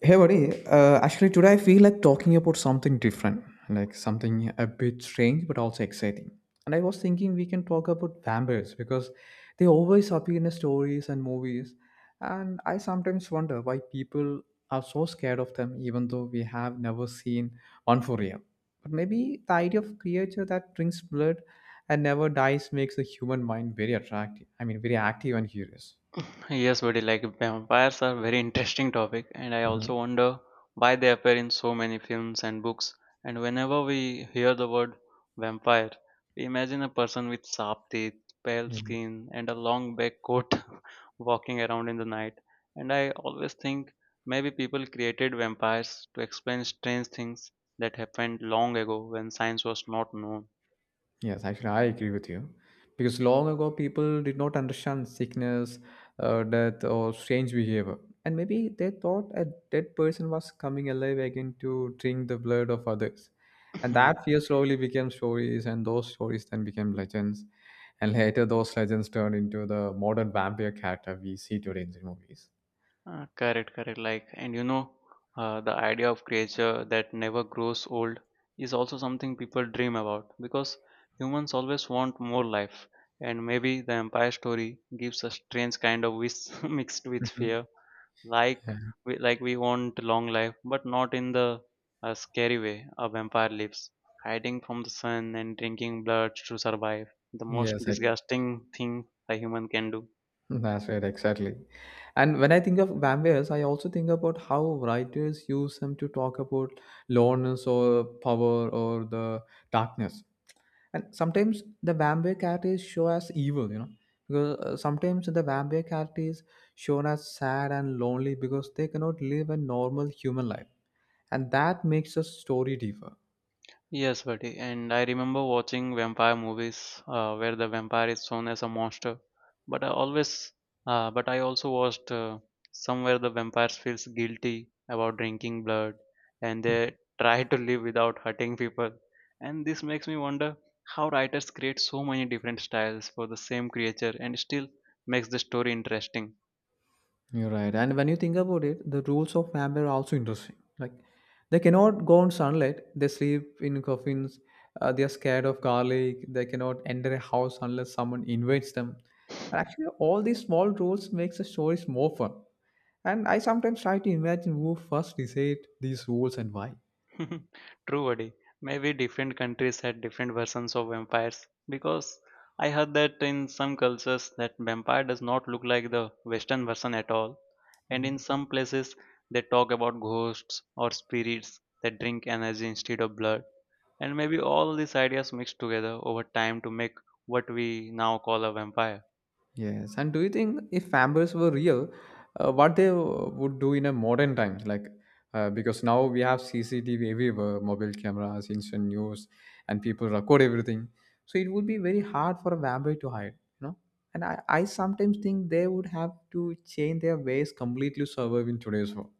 Hey buddy, actually today I feel like talking about something different, like something a bit strange but also exciting. And I was thinking we can talk about vampires because they always appear in stories and movies, and I sometimes wonder why people are so scared of them, even though we have never seen one for real. But maybe the idea of creature that drinks blood and never dies makes the human mind very attractive. I mean, very active and curious. Yes, buddy, like vampires are very interesting topic, and I Mhm. also wonder why they appear in so many films and books. And whenever we hear the word vampire, we imagine a person with sharp teeth, pale Yeah. skin, and a long black coat walking around in the night. And I always think maybe people created vampires to explain strange things that happened long ago when science was not known. Yes, actually, I agree with you. Because long ago, people did not understand sickness, death, or strange behavior. And maybe they thought a dead person was coming alive again to drink the blood of others. And that fear slowly became stories, and those stories then became legends. And later, those legends turned into the modern vampire character we see today in the movies. Correct, correct. Like, and you know, the idea of creature that never grows old is also something people dream about because humans always want more life. And maybe the Empire story gives a strange kind of wish mixed with Mhm. fear, like Yeah. we want long life, but not in the scary way a vampire lives, hiding from the sun and drinking blood to survive. The most Yes, I disgusting thing a human can do. that's right, exactly. And when I think of vampires, I also think about how writers use them to talk about loneliness or power or the darkness. And sometimes the vampire character is shown as evil, because sometimes the vampire character is shown as sad and lonely because they cannot live a normal human life. And that makes the story deeper. Yes, buddy. And I remember watching vampire movies where the vampire is shown as a monster. But I always, but I also watched somewhere the vampires feels guilty about drinking blood, and they try to live without hurting people. And this makes me wonder how writers create so many different styles for the same creature and still makes the story interesting. You're right. And when you think about it, the rules of vampire are also interesting. Like, they cannot go in sunlight. They sleep in coffins. They are scared of garlic. They cannot enter a house unless someone invites them. And actually, all these small rules makes the stories more fun. And I sometimes try to imagine who first decided these rules and why. True, buddy. Maybe different countries had different versions of vampires because I heard that in some cultures that vampire does not look like the Western version at all, and in some places they talk about ghosts or spirits that drink energy instead of blood, and maybe all these ideas mixed together over time to make what we now call a vampire. Yes, and do you think if vampires were real, what they would do in a modern times? Like, because now we have CCTV everywhere, mobile cameras, instant news, and people record everything. So it would be very hard for a vampire to hide, you know. And I sometimes think they would have to change their ways completely to survive in today's world.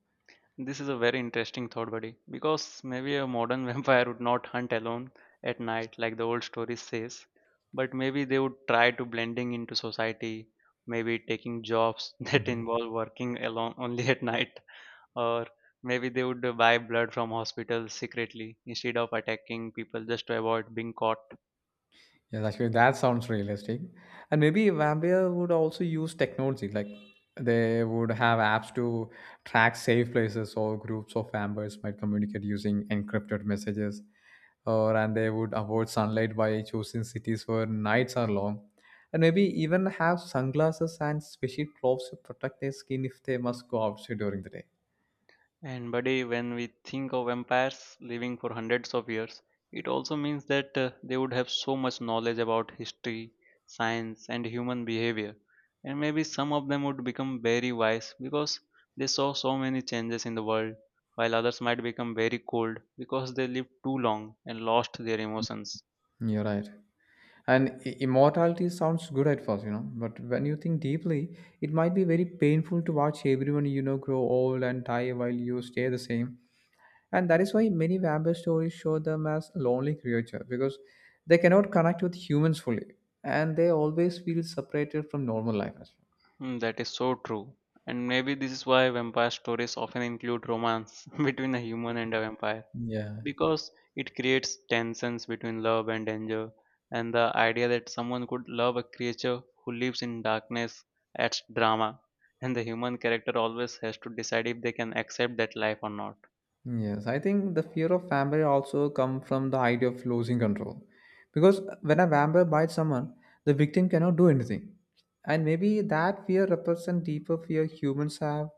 This is a very interesting thought, buddy, because maybe a modern vampire would not hunt alone at night like the old story says, but maybe they would try to blending into society, maybe taking jobs that Mm-hmm. involve working alone only at night, or maybe they would buy blood from hospitals secretly instead of attacking people just to avoid being caught. Yes, actually, that sounds realistic. And maybe vampire would also use technology, like they would have apps to track safe places, or groups of vampires might communicate using encrypted messages, or and they would avoid sunlight by choosing cities where nights are long, and maybe even have sunglasses and special clothes to protect their skin if they must go outside during the day. And buddy, when we think of empires living for hundreds of years, it also means that they would have so much knowledge about history, science, and human behavior. And maybe some of them would become very wise because they saw so many changes in the world, while others might become very cold because they lived too long and lost their emotions. You're right. And immortality sounds good at first, but when you think deeply, it might be very painful to watch everyone you know grow old and die while you stay the same. And that is why many vampire stories show them as lonely creatures because they cannot connect with humans fully, and they always feel separated from normal life as well. Hmm, that is so true. And maybe this is why vampire stories often include romance between a human and a vampire. Yeah, Because it creates tensions between love and danger, and the idea that someone could love a creature who lives in darkness adds drama, and the human character always has to decide if they can accept that life or not. yes, I think the fear of vampire also come from the idea of losing control. Because when a vampire bites someone, the victim cannot do anything. And maybe that fear represents deeper fear humans have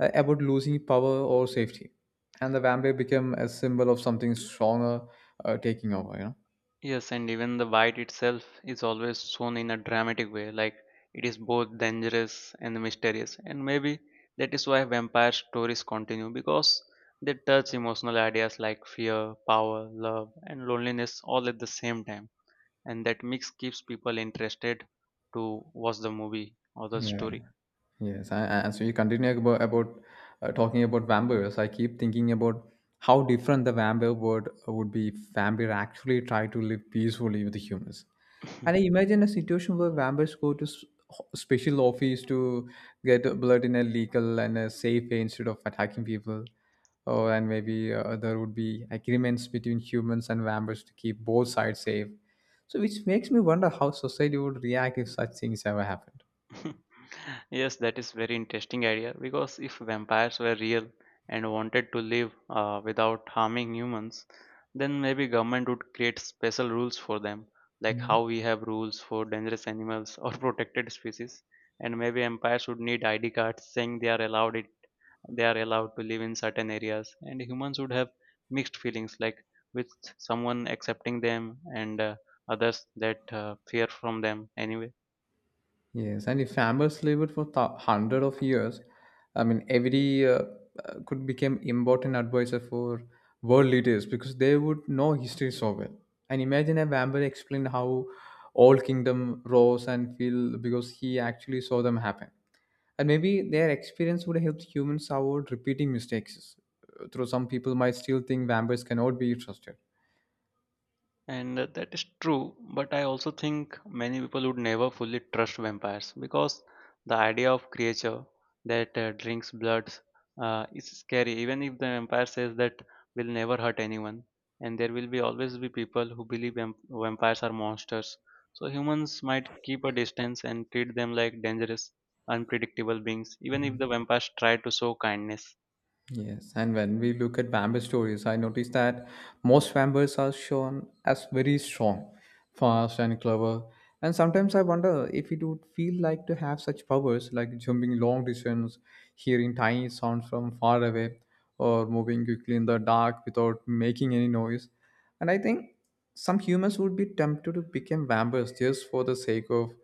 about losing power or safety. And the vampire become a symbol of something stronger taking over, Yes, and even the bite itself is always shown in a dramatic way, like it is both dangerous and mysterious, and maybe that is why vampire stories continue because they touch emotional ideas like fear, power, love, and loneliness all at the same time, and that mix keeps people interested to watch the movie or the you know. story. Yes, and so you continue about talking about vampires. I keep thinking about how different the vampire world would be if vampire actually try to live peacefully with the humans. And I imagine a situation where vampires go to special office to get blood in a legal and a safe way instead of attacking people. Oh, and maybe there would be agreements between humans and vampires to keep both sides safe. So, which makes me wonder how society would react if such things ever happened. Yes, that is very interesting idea because if vampires were real and wanted to live without harming humans, then maybe government would create special rules for them, like how we have rules for dangerous animals or protected species. And maybe empires would need ID cards saying they are allowed it they are allowed to live in certain areas, and humans would have mixed feelings, like with someone accepting them and others that fear from them anyway. Yes, and if farmers lived for hundred of years, I mean, every could become important advisor for world leaders because they would know history so well. And imagine a vampire explained how all kingdom rose and fell because he actually saw them happen. And maybe their experience would help humans avoid repeating mistakes. Though some people might still think vampires cannot be trusted. And that is true, but I also think many people would never fully trust vampires because the idea of creature that drinks blood is scary. Even if the vampire says that will never hurt anyone, and there will be always be people who believe vampires are monsters. So humans might keep a distance and treat them like dangerous, unpredictable beings, even if the vampires try to show kindness. Yes, and when we look at vampire stories, I notice that most vampires are shown as very strong, fast, and clever. And sometimes I wonder if it would feel like to have such powers, like jumping long distance, hearing tiny sounds from far away, or moving quickly in the dark without making any noise. And I think some humans would be tempted to become vampires just for the sake of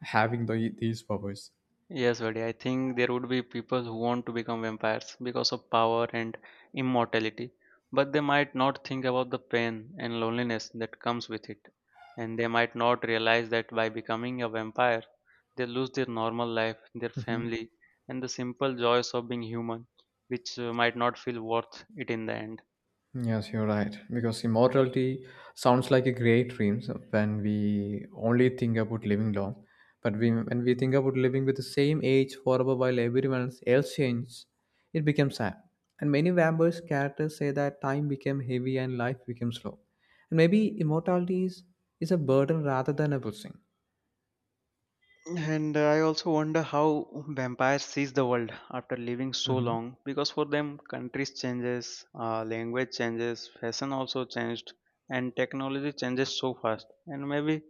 having these powers. Yes, buddy. I think there would be people who want to become vampires because of power and immortality, but they might not think about the pain and loneliness that comes with it. And they might not realize that by becoming a vampire, they lose their normal life, their Mm-hmm. family, and the simple joys of being human, which might not feel worth it in the end. Yes, you're right. Because immortality sounds like a great dream so when we only think about living long. But when we think about living with the same age forever while everyone else changes, it becomes sad. And many vampires characters say that time became heavy and life became slow. And maybe immortality is a burden rather than a blessing. And I also wonder how vampires sees the world after living so Hmm. long because for them countries changes, language changes, fashion also changed, and technology changes so fast, and maybe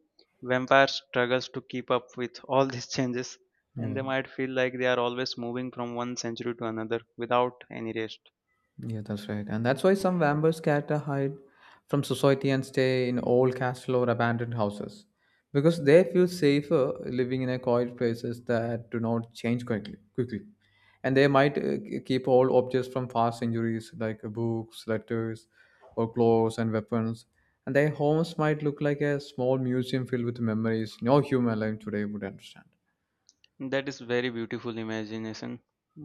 vampire struggles to keep up with all these changes, and they Yeah. might feel like they are always moving from one century to another without any rest. Yeah, that's right. And that's why some vampires scatter hide from society and stay in old castle or abandoned houses because they feel safer living in a quiet places that do not change quickly. And they might keep all objects from past injuries like books, letters, or clothes and weapons. And their homes might look like a small museum filled with memories no human alive today would understand. That is very beautiful imagination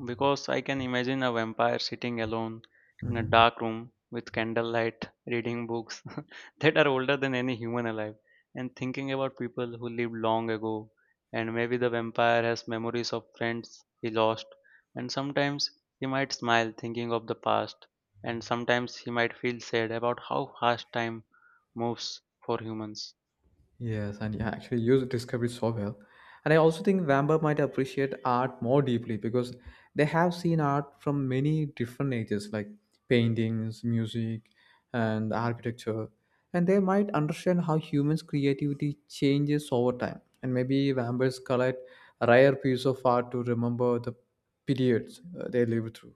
because I can imagine a vampire sitting alone in a Mhm. dark room with candlelight reading books that are older than any human alive, and thinking about people who lived long ago, and maybe the vampire has memories of friends he lost, and sometimes he might smile thinking of the past, and sometimes he might feel sad about how fast time moves for humans. Yes, and yeah, actually used Discovery so well. And I also think Vamba might appreciate art more deeply because they have seen art from many different ages, like paintings, music, and architecture. And they might understand how humans' creativity changes over time. And maybe Vamba's collect rare piece of art to remember the periods they lived through.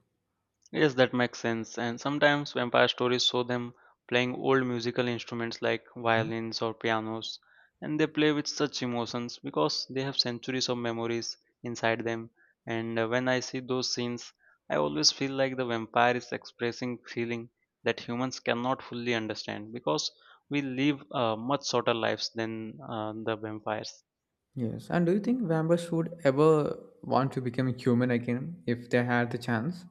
Yes, that makes sense. And sometimes vampire stories show them playing old musical instruments like Mhm. violins or pianos, and they play with such emotions because they have centuries of memories inside them. And when I see those scenes, I always feel like the vampire is expressing feeling that humans cannot fully understand because we live much shorter lives than the vampires. Yes. And do you think vampires would ever want to become human again if they had the chance?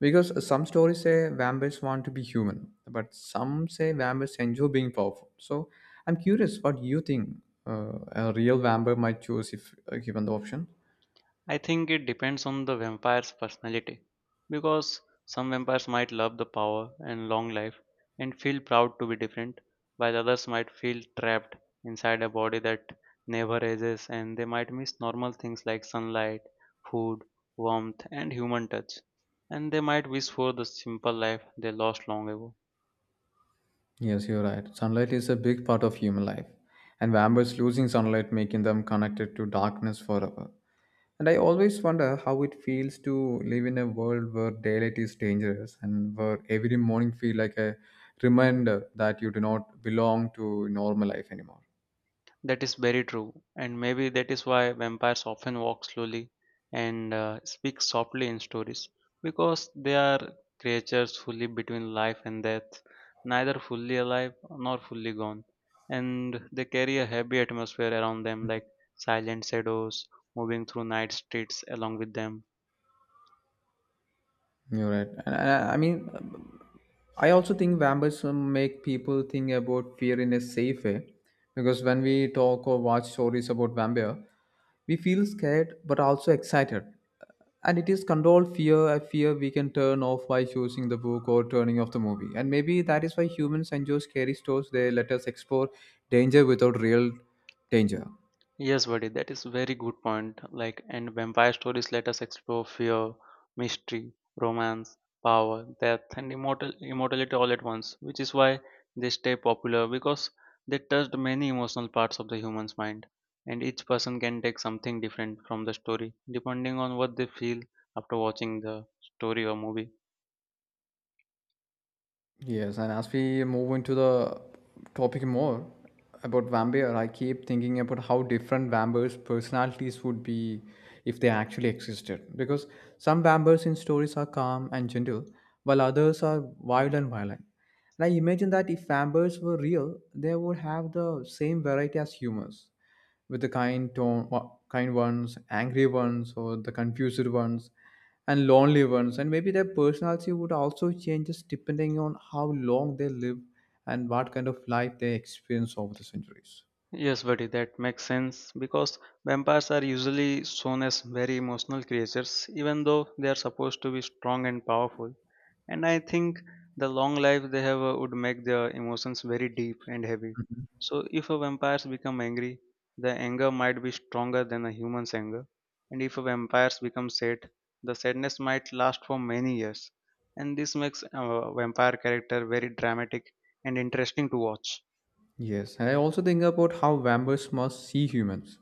Because some stories say vampires want to be human, but some say vampires enjoy being powerful. So I'm curious what you think a real vampire might choose if given the option. I think it depends on the vampire's personality because some vampires might love the power and long life and feel proud to be different, while others might feel trapped inside a body that never ages, and they might miss normal things like sunlight, food, warmth, and human touch, and they might wish for the simple life they lost long ago. Yes, you're right. Sunlight is a big part of human life, and vampires losing sunlight making them connected to darkness forever. And I always wonder how it feels to live in a world where daylight is dangerous and where every morning feel like a reminder that you do not belong to normal life anymore. That is very true, and maybe that is why vampires often walk slowly and speak softly in stories because they are creatures who live between life and death, neither fully alive nor fully gone, and they carry a heavy atmosphere around them like silent shadows moving through night streets along with them. You're right. And I mean, I also think vampirism make people think about fear in a safe way, because when we talk or watch stories about vampire, we feel scared but also excited. And it is controlled fear, a fear we can turn off by choosing the book or turning off the movie. And maybe that is why humans enjoy scary stories. They let us explore danger without real danger. Yes, buddy, that is very good point. Like, and vampire stories let us explore fear, mystery, romance, power, death, and immortality all at once, which is why they stay popular because they touched many emotional parts of the human's mind, and each person can take something different from the story depending on what they feel after watching the story or movie. Yes, and as we move into the topic more about vampire, I keep thinking about how different vampires' personalities would be if they actually existed. Because some vampires in stories are calm and gentle, while others are wild and violent. And I imagine that if vampires were real, they would have the same variety as humans with the kind tone, kind ones, angry ones, or the confused ones, and lonely ones. And maybe their personality would also change just depending on how long they live and what kind of life they experience over the centuries. Yes, buddy, that makes sense because vampires are usually shown as very emotional creatures, even though they are supposed to be strong and powerful. And I think the long life they have would make their emotions very deep and heavy, so if a vampires become angry, the anger might be stronger than a human's anger, and if a vampires become sad, the sadness might last for many years, and this makes a vampire character very dramatic and interesting to watch. Yes, and I also think about how vampires must see humans,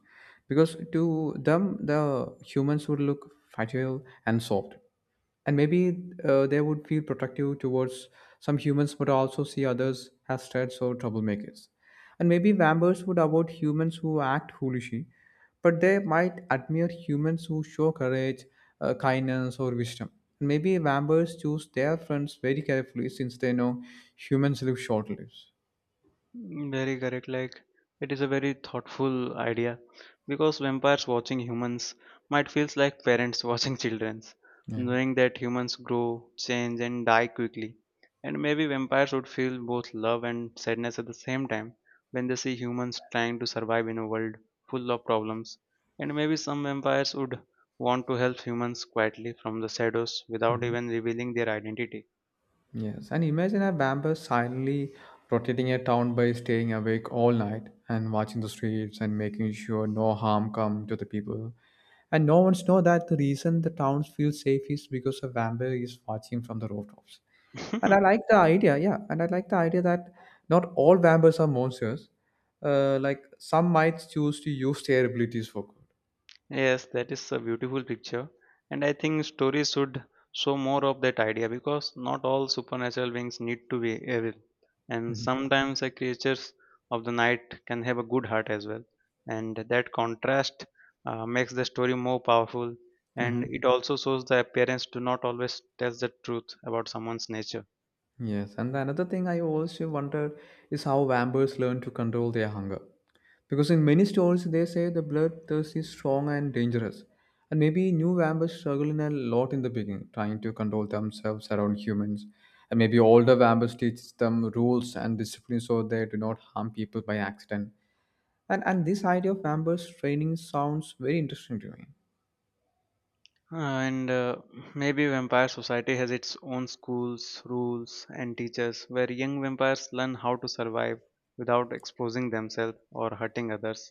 because to them the humans would look fragile and soft, and maybe they would feel protective towards some humans but also see others as threats or troublemakers, and maybe vampires would avoid humans who act foolishly, but they might admire humans who show courage, kindness or wisdom. Maybe vampires choose their friends very carefully since they know humans live short lives. Mm, very correct. Like, it is a very thoughtful idea because vampires watching humans might feels like parents watching children's, Yeah. knowing that humans grow, change, and die quickly. And maybe vampires would feel both love and sadness at the same time when they see humans trying to survive in a world full of problems. And maybe some vampires would want to help humans quietly from the shadows without Mhm. even revealing their identity. Yes, and imagine a vampire silently rotating a town by staying awake all night and watching the streets and making sure no harm come to the people. And no one's know that the reason the towns feel safe is because a vampire is watching from the rooftops. And I like the idea, yeah. And I like the idea that not all vampires are monsters. Like some might choose to use their abilities for good. Yes, that is a beautiful picture. And I think stories should show more of that idea because not all supernatural beings need to be evil. And Mhm. sometimes the creatures of the night can have a good heart as well. And that contrast makes the story more powerful. And Mhm. it also shows the parents do not always tell the truth about someone's nature. Yes, and the another thing I also wondered is how vampires learn to control their hunger. Because in many stories they say the bloodthirst is strong and dangerous. And maybe new vampires struggle in a lot in the beginning, trying to control themselves around humans. And maybe older vampires teach them rules and discipline so they do not harm people by accident. And this idea of vampires training sounds very interesting to me. And maybe Vampire Society has its own schools, rules, and teachers where young vampires learn how to survive without exposing themselves or hurting others.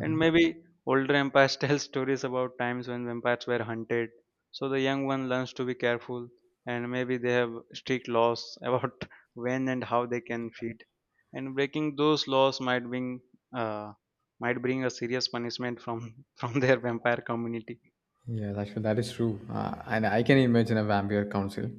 And maybe older vampires tell stories about times when vampires were hunted, so the young one learns to be careful, and maybe they have strict laws about when and how they can feed. And breaking those laws uh, might bring a serious punishment from from their vampire community. Yeah, that is true, and I can imagine a vampire council,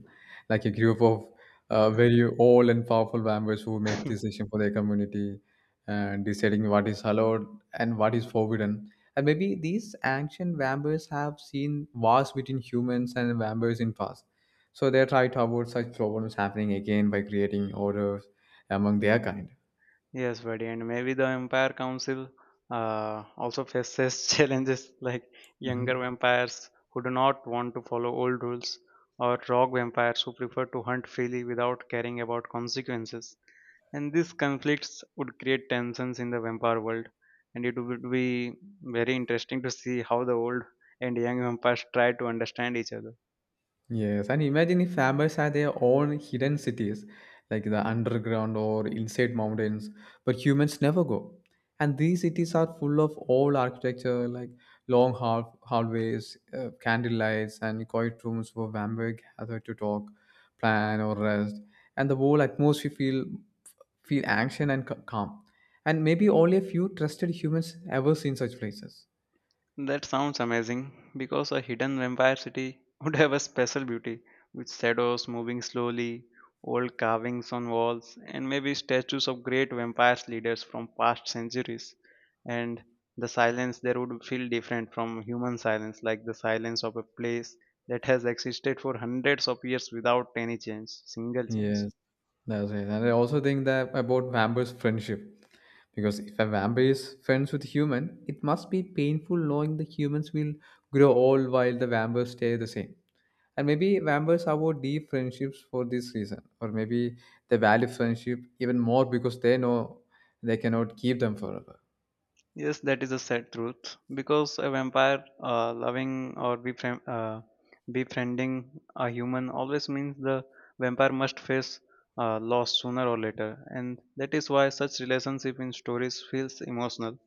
like a group of very old and powerful vampires who make decision for their community and deciding what is allowed and what is forbidden. And maybe these ancient vampires have seen wars between humans and vampires in past, so they try to avoid such problems happening again by creating orders among their kind. Yes, buddy, and maybe the Vampire Council also faces challenges like younger Mhm. vampires who do not want to follow old rules, or rogue vampires who prefer to hunt freely without caring about consequences. And these conflicts would create tensions in the vampire world, and it would be very interesting to see how the old and young vampires try to understand each other. Yes, and imagine if vampires had their own hidden cities, like the underground or inside mountains, but humans never go. And these cities are full of old architecture, like hallways, candle lights, and quiet rooms where vampires gather to talk, plan, or rest. And the whole atmosphere feel action and calm. And maybe only a few trusted humans ever seen such places. That sounds amazing because a hidden vampire city would have a special beauty with shadows moving slowly, old carvings on walls, and maybe statues of great vampires leaders from past centuries. And the silence there would feel different from human silence, like the silence of a place that has existed for hundreds of years without any change, single change. Yes. That's right. And I also think that about vampires' friendship. Because if a vampire is friends with human, it must be painful knowing the humans will grow old while the vampires stay the same. And maybe vampires avoid deep friendships for this reason, or maybe they value friendship even more because they know they cannot keep them forever. Yes, that is a sad truth because a vampire loving or befriending a human always means the vampire must face loss sooner or later, and that is why such relationship in stories feels emotional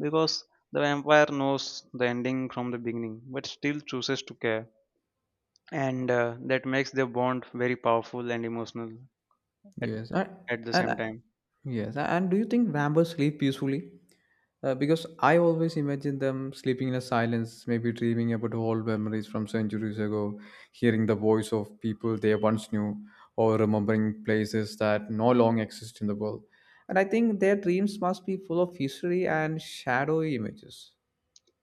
because the vampire knows the ending from the beginning but still chooses to care, and that makes their bond very powerful and emotional at, Yes, and, at the and same time. and do you think vampires sleep peacefully? Because I always imagine them sleeping in a silence, maybe dreaming about old memories from centuries ago, hearing the voice of people they once knew, or remembering places that no longer exist in the world. And I think their dreams must be full of history and shadowy images.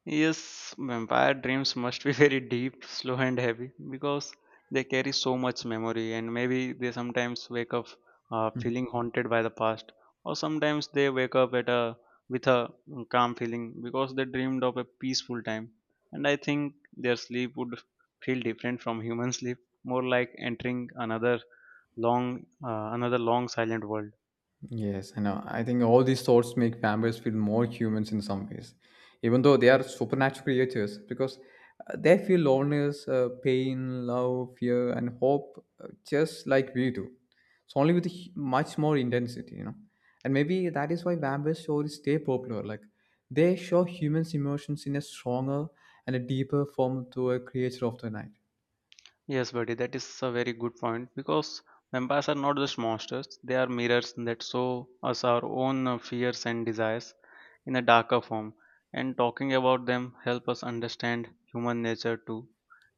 Yes, vampire dreams must be very deep, slow, and heavy because they carry so much memory, and maybe they sometimes wake up feeling haunted by the past, or sometimes they wake up at a with a calm feeling because they dreamed of a peaceful time. And I think their sleep would feel different from human sleep, more like entering another long silent world. Yes, I know. I think all these thoughts make vampires feel more humans in some ways, even though they are supernatural creatures, because they feel loneliness, pain, love, fear, and hope, just like we do. It's only with much more intensity. And maybe that is why vampire stories stay popular. Like they show humans' emotions in a stronger and a deeper form to a creature of the night. Yes, buddy, that is a very good point because vampires are not just monsters, they are mirrors that show us our own fears and desires in a darker form. And talking about them help us understand human nature too.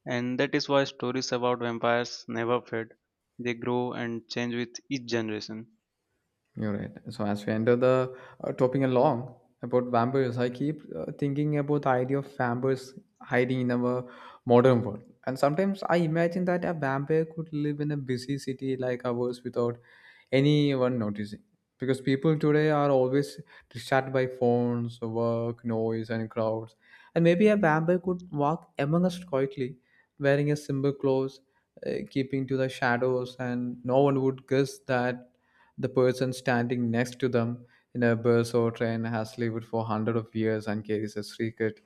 And that is why stories about vampires never fade. They grow and change with each generation. You're right. So as we enter the topping along about vampires, I keep thinking about the idea of vampires hiding in our modern world. And sometimes I imagine that a vampire could live in a busy city like ours without anyone noticing. Because people today are always distracted by phones, work, noise, and crowds. And maybe a vampire could walk among us quietly, wearing a simple clothes, keeping to the shadows, and no one would guess that the person standing next to them in a bus or train has lived for hundreds of years and carries a secret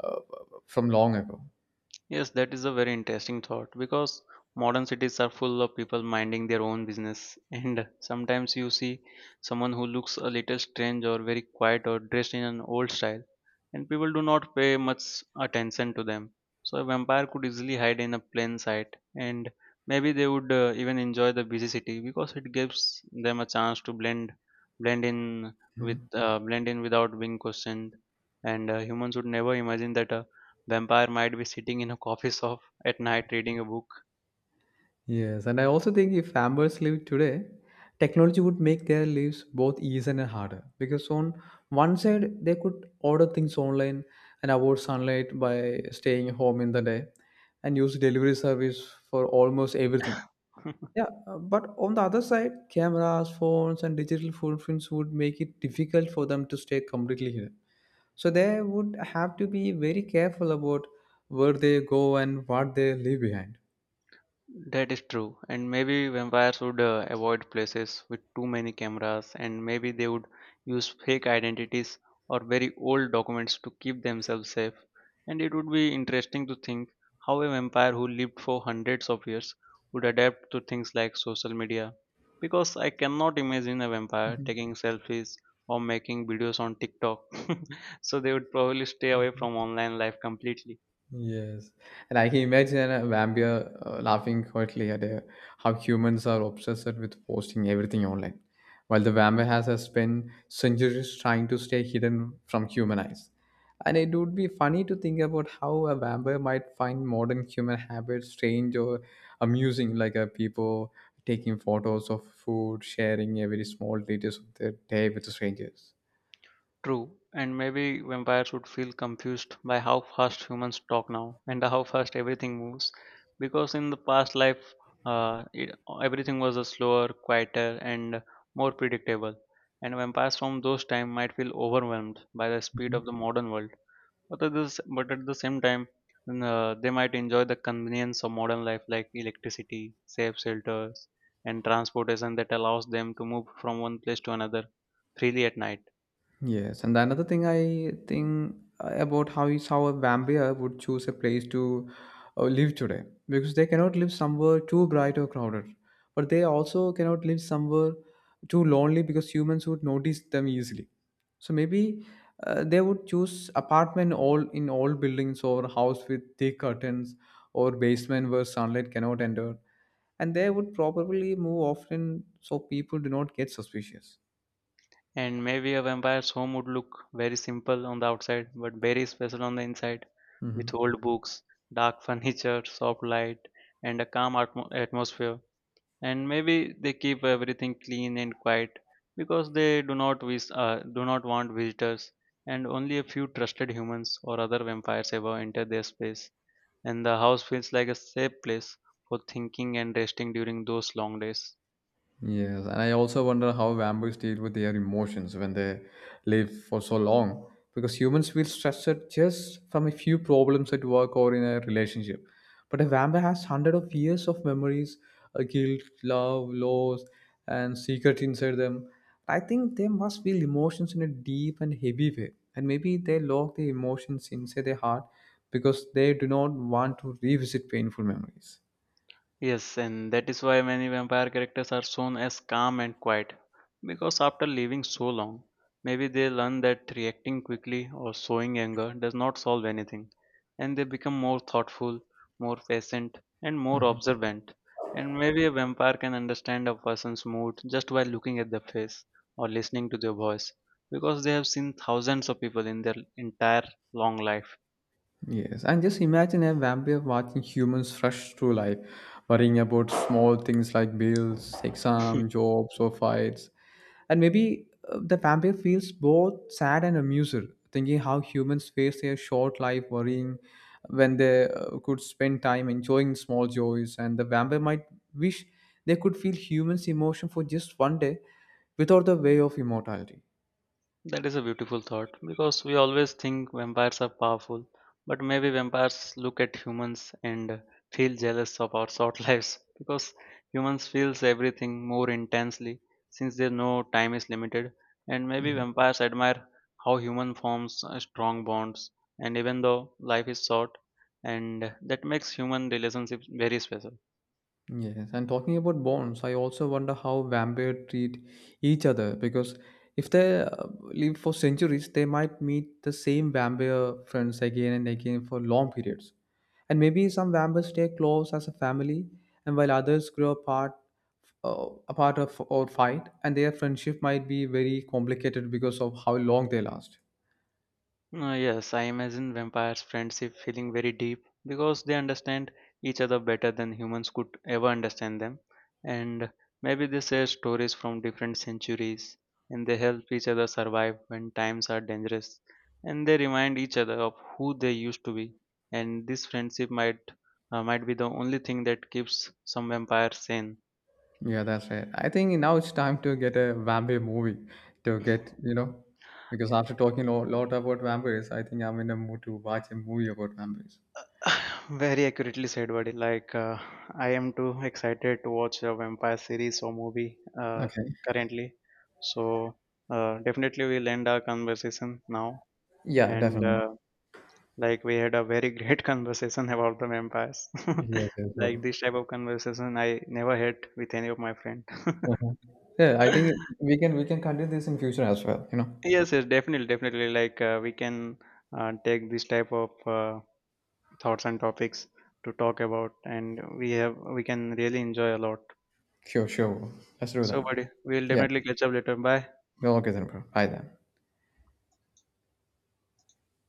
uh, from long ago. Yes, that is a very interesting thought because modern cities are full of people minding their own business, and sometimes you see someone who looks a little strange or very quiet or dressed in an old style, and people do not pay much attention to them. So, a vampire could easily hide in a plain sight, and maybe they would even enjoy the busy city because it gives them a chance to blend in Mhm. Blend in without being questioned. And humans would never imagine that a the umpire might be sitting in a coffee shop at night reading a book. Yes, and I also think if farmers lived today, technology would make their lives both easier and harder because on one side they could order things online and avoid sunlight by staying home in the day and use delivery service for almost everything. Yeah, but on the other side, cameras, phones, and digital footprints would make it difficult for them to stay completely hidden. So they would have to be very careful about where they go and what they leave behind. That is true, and maybe vampires would avoid places with too many cameras, and maybe they would use fake identities or very old documents to keep themselves safe. And it would be interesting to think how a vampire who lived for hundreds of years would adapt to things like social media. Because I cannot imagine a vampire taking selfies or making videos on TikTok, so they would probably stay away Mhm. from online life completely. Yes, and I can imagine a vampire laughing quietly at how humans are obsessed with posting everything online, while the vampire has spent centuries trying to stay hidden from human eyes. And it would be funny to think about how a vampire might find modern human habits strange or amusing, like people taking photos of food, sharing every small details of their day with strangers. True, and maybe vampires would feel confused by how fast humans talk now and how fast everything moves, because in the past life, everything was a slower, quieter, and more predictable. And vampires from those time might feel overwhelmed by the speed of the modern world. But at the same time, they might enjoy the convenience of modern life, like electricity, safe shelters, and transportation that allows them to move from one place to another freely at night. Yes, and another thing I think about how is how a vampire would choose a place to live today because they cannot live somewhere too bright or crowded, but they also cannot live somewhere too lonely because humans would notice them easily. So maybe they would choose apartment all in all buildings or house with thick curtains or basement where sunlight cannot enter, and they would probably move often so people do not get suspicious. And maybe a vampire's home would look very simple on the outside, but very special on the inside, with Mhm. old books, dark furniture, soft light, and a calm atmosphere. And maybe they keep everything clean and quiet because they do not want visitors, and only a few trusted humans or other vampires ever enter their space. And the house feels like a safe place for thinking and resting during those long days. Yes, and I also wonder how vampires deal with their emotions when they live for so long. Because humans feel stressed just from a few problems at work or in a relationship. But a vampire has hundreds of years of memories, guilt, love, loss, and secrets inside them. I think they must feel emotions in a deep and heavy way. And maybe they lock the emotions inside their heart because they do not want to revisit painful memories. Yes, and that is why many vampire characters are shown as calm and quiet. Because after living so long, maybe they learn that reacting quickly or showing anger does not solve anything, and they become more thoughtful, more patient, and more Mhm. observant. And maybe a vampire can understand a person's mood just by looking at their face or listening to their voice, because they have seen thousands of people in their entire long life. Yes, and just imagine a vampire watching humans rush through life, worrying about small things like bills, exam, jobs, or fights. And maybe the vampire feels both sad and amused, thinking how humans face their short life worrying when they could spend time enjoying small joys. And the vampire might wish they could feel humans' emotion for just one day without the way of immortality. That is a beautiful thought because we always think vampires are powerful, but maybe vampires look at humans and feel jealous of our short lives because humans feels everything more intensely since they know time is limited and maybe Mm-hmm. vampires admire how human forms strong bonds and even though life is short and that makes human relationships very special. Yes, and talking about bonds, I also wonder how vampires treat each other because if they live for centuries, they might meet the same vampire friends again and again for long periods. And maybe some vampires stay close as a family, and while others grow apart, apart of, or fight, and their friendship might be very complicated because of how long they last. Yes, I imagine vampires' friendship feeling very deep because they understand each other better than humans could ever understand them. And maybe they share stories from different centuries and they help each other survive when times are dangerous. And they remind each other of who they used to be. And this friendship might be the only thing that keeps some vampires sane. Yeah, that's right. I think now it's time to get a vampire movie to get, because after talking a lot about vampires, I think I'm in a mood to watch a movie about vampires. Very accurately said, buddy. Like, I am too excited to watch a vampire series or movie Okay. currently. So, definitely we'll end our conversation now. Yeah, And, definitely. Like, we had a very great conversation about the vampires. Yes, yes, Like, sure. this type of conversation I never had with any of my friend. uh Yeah, I think we can continue this in future as well. Yes, yes, definitely, definitely. Like, we can take this type of thoughts and topics to talk about and we have we can really enjoy a lot. Sure, sure. Let's do So, that. buddy, we'll Yeah. definitely catch up later. Bye. Okay then, bro. Bye then.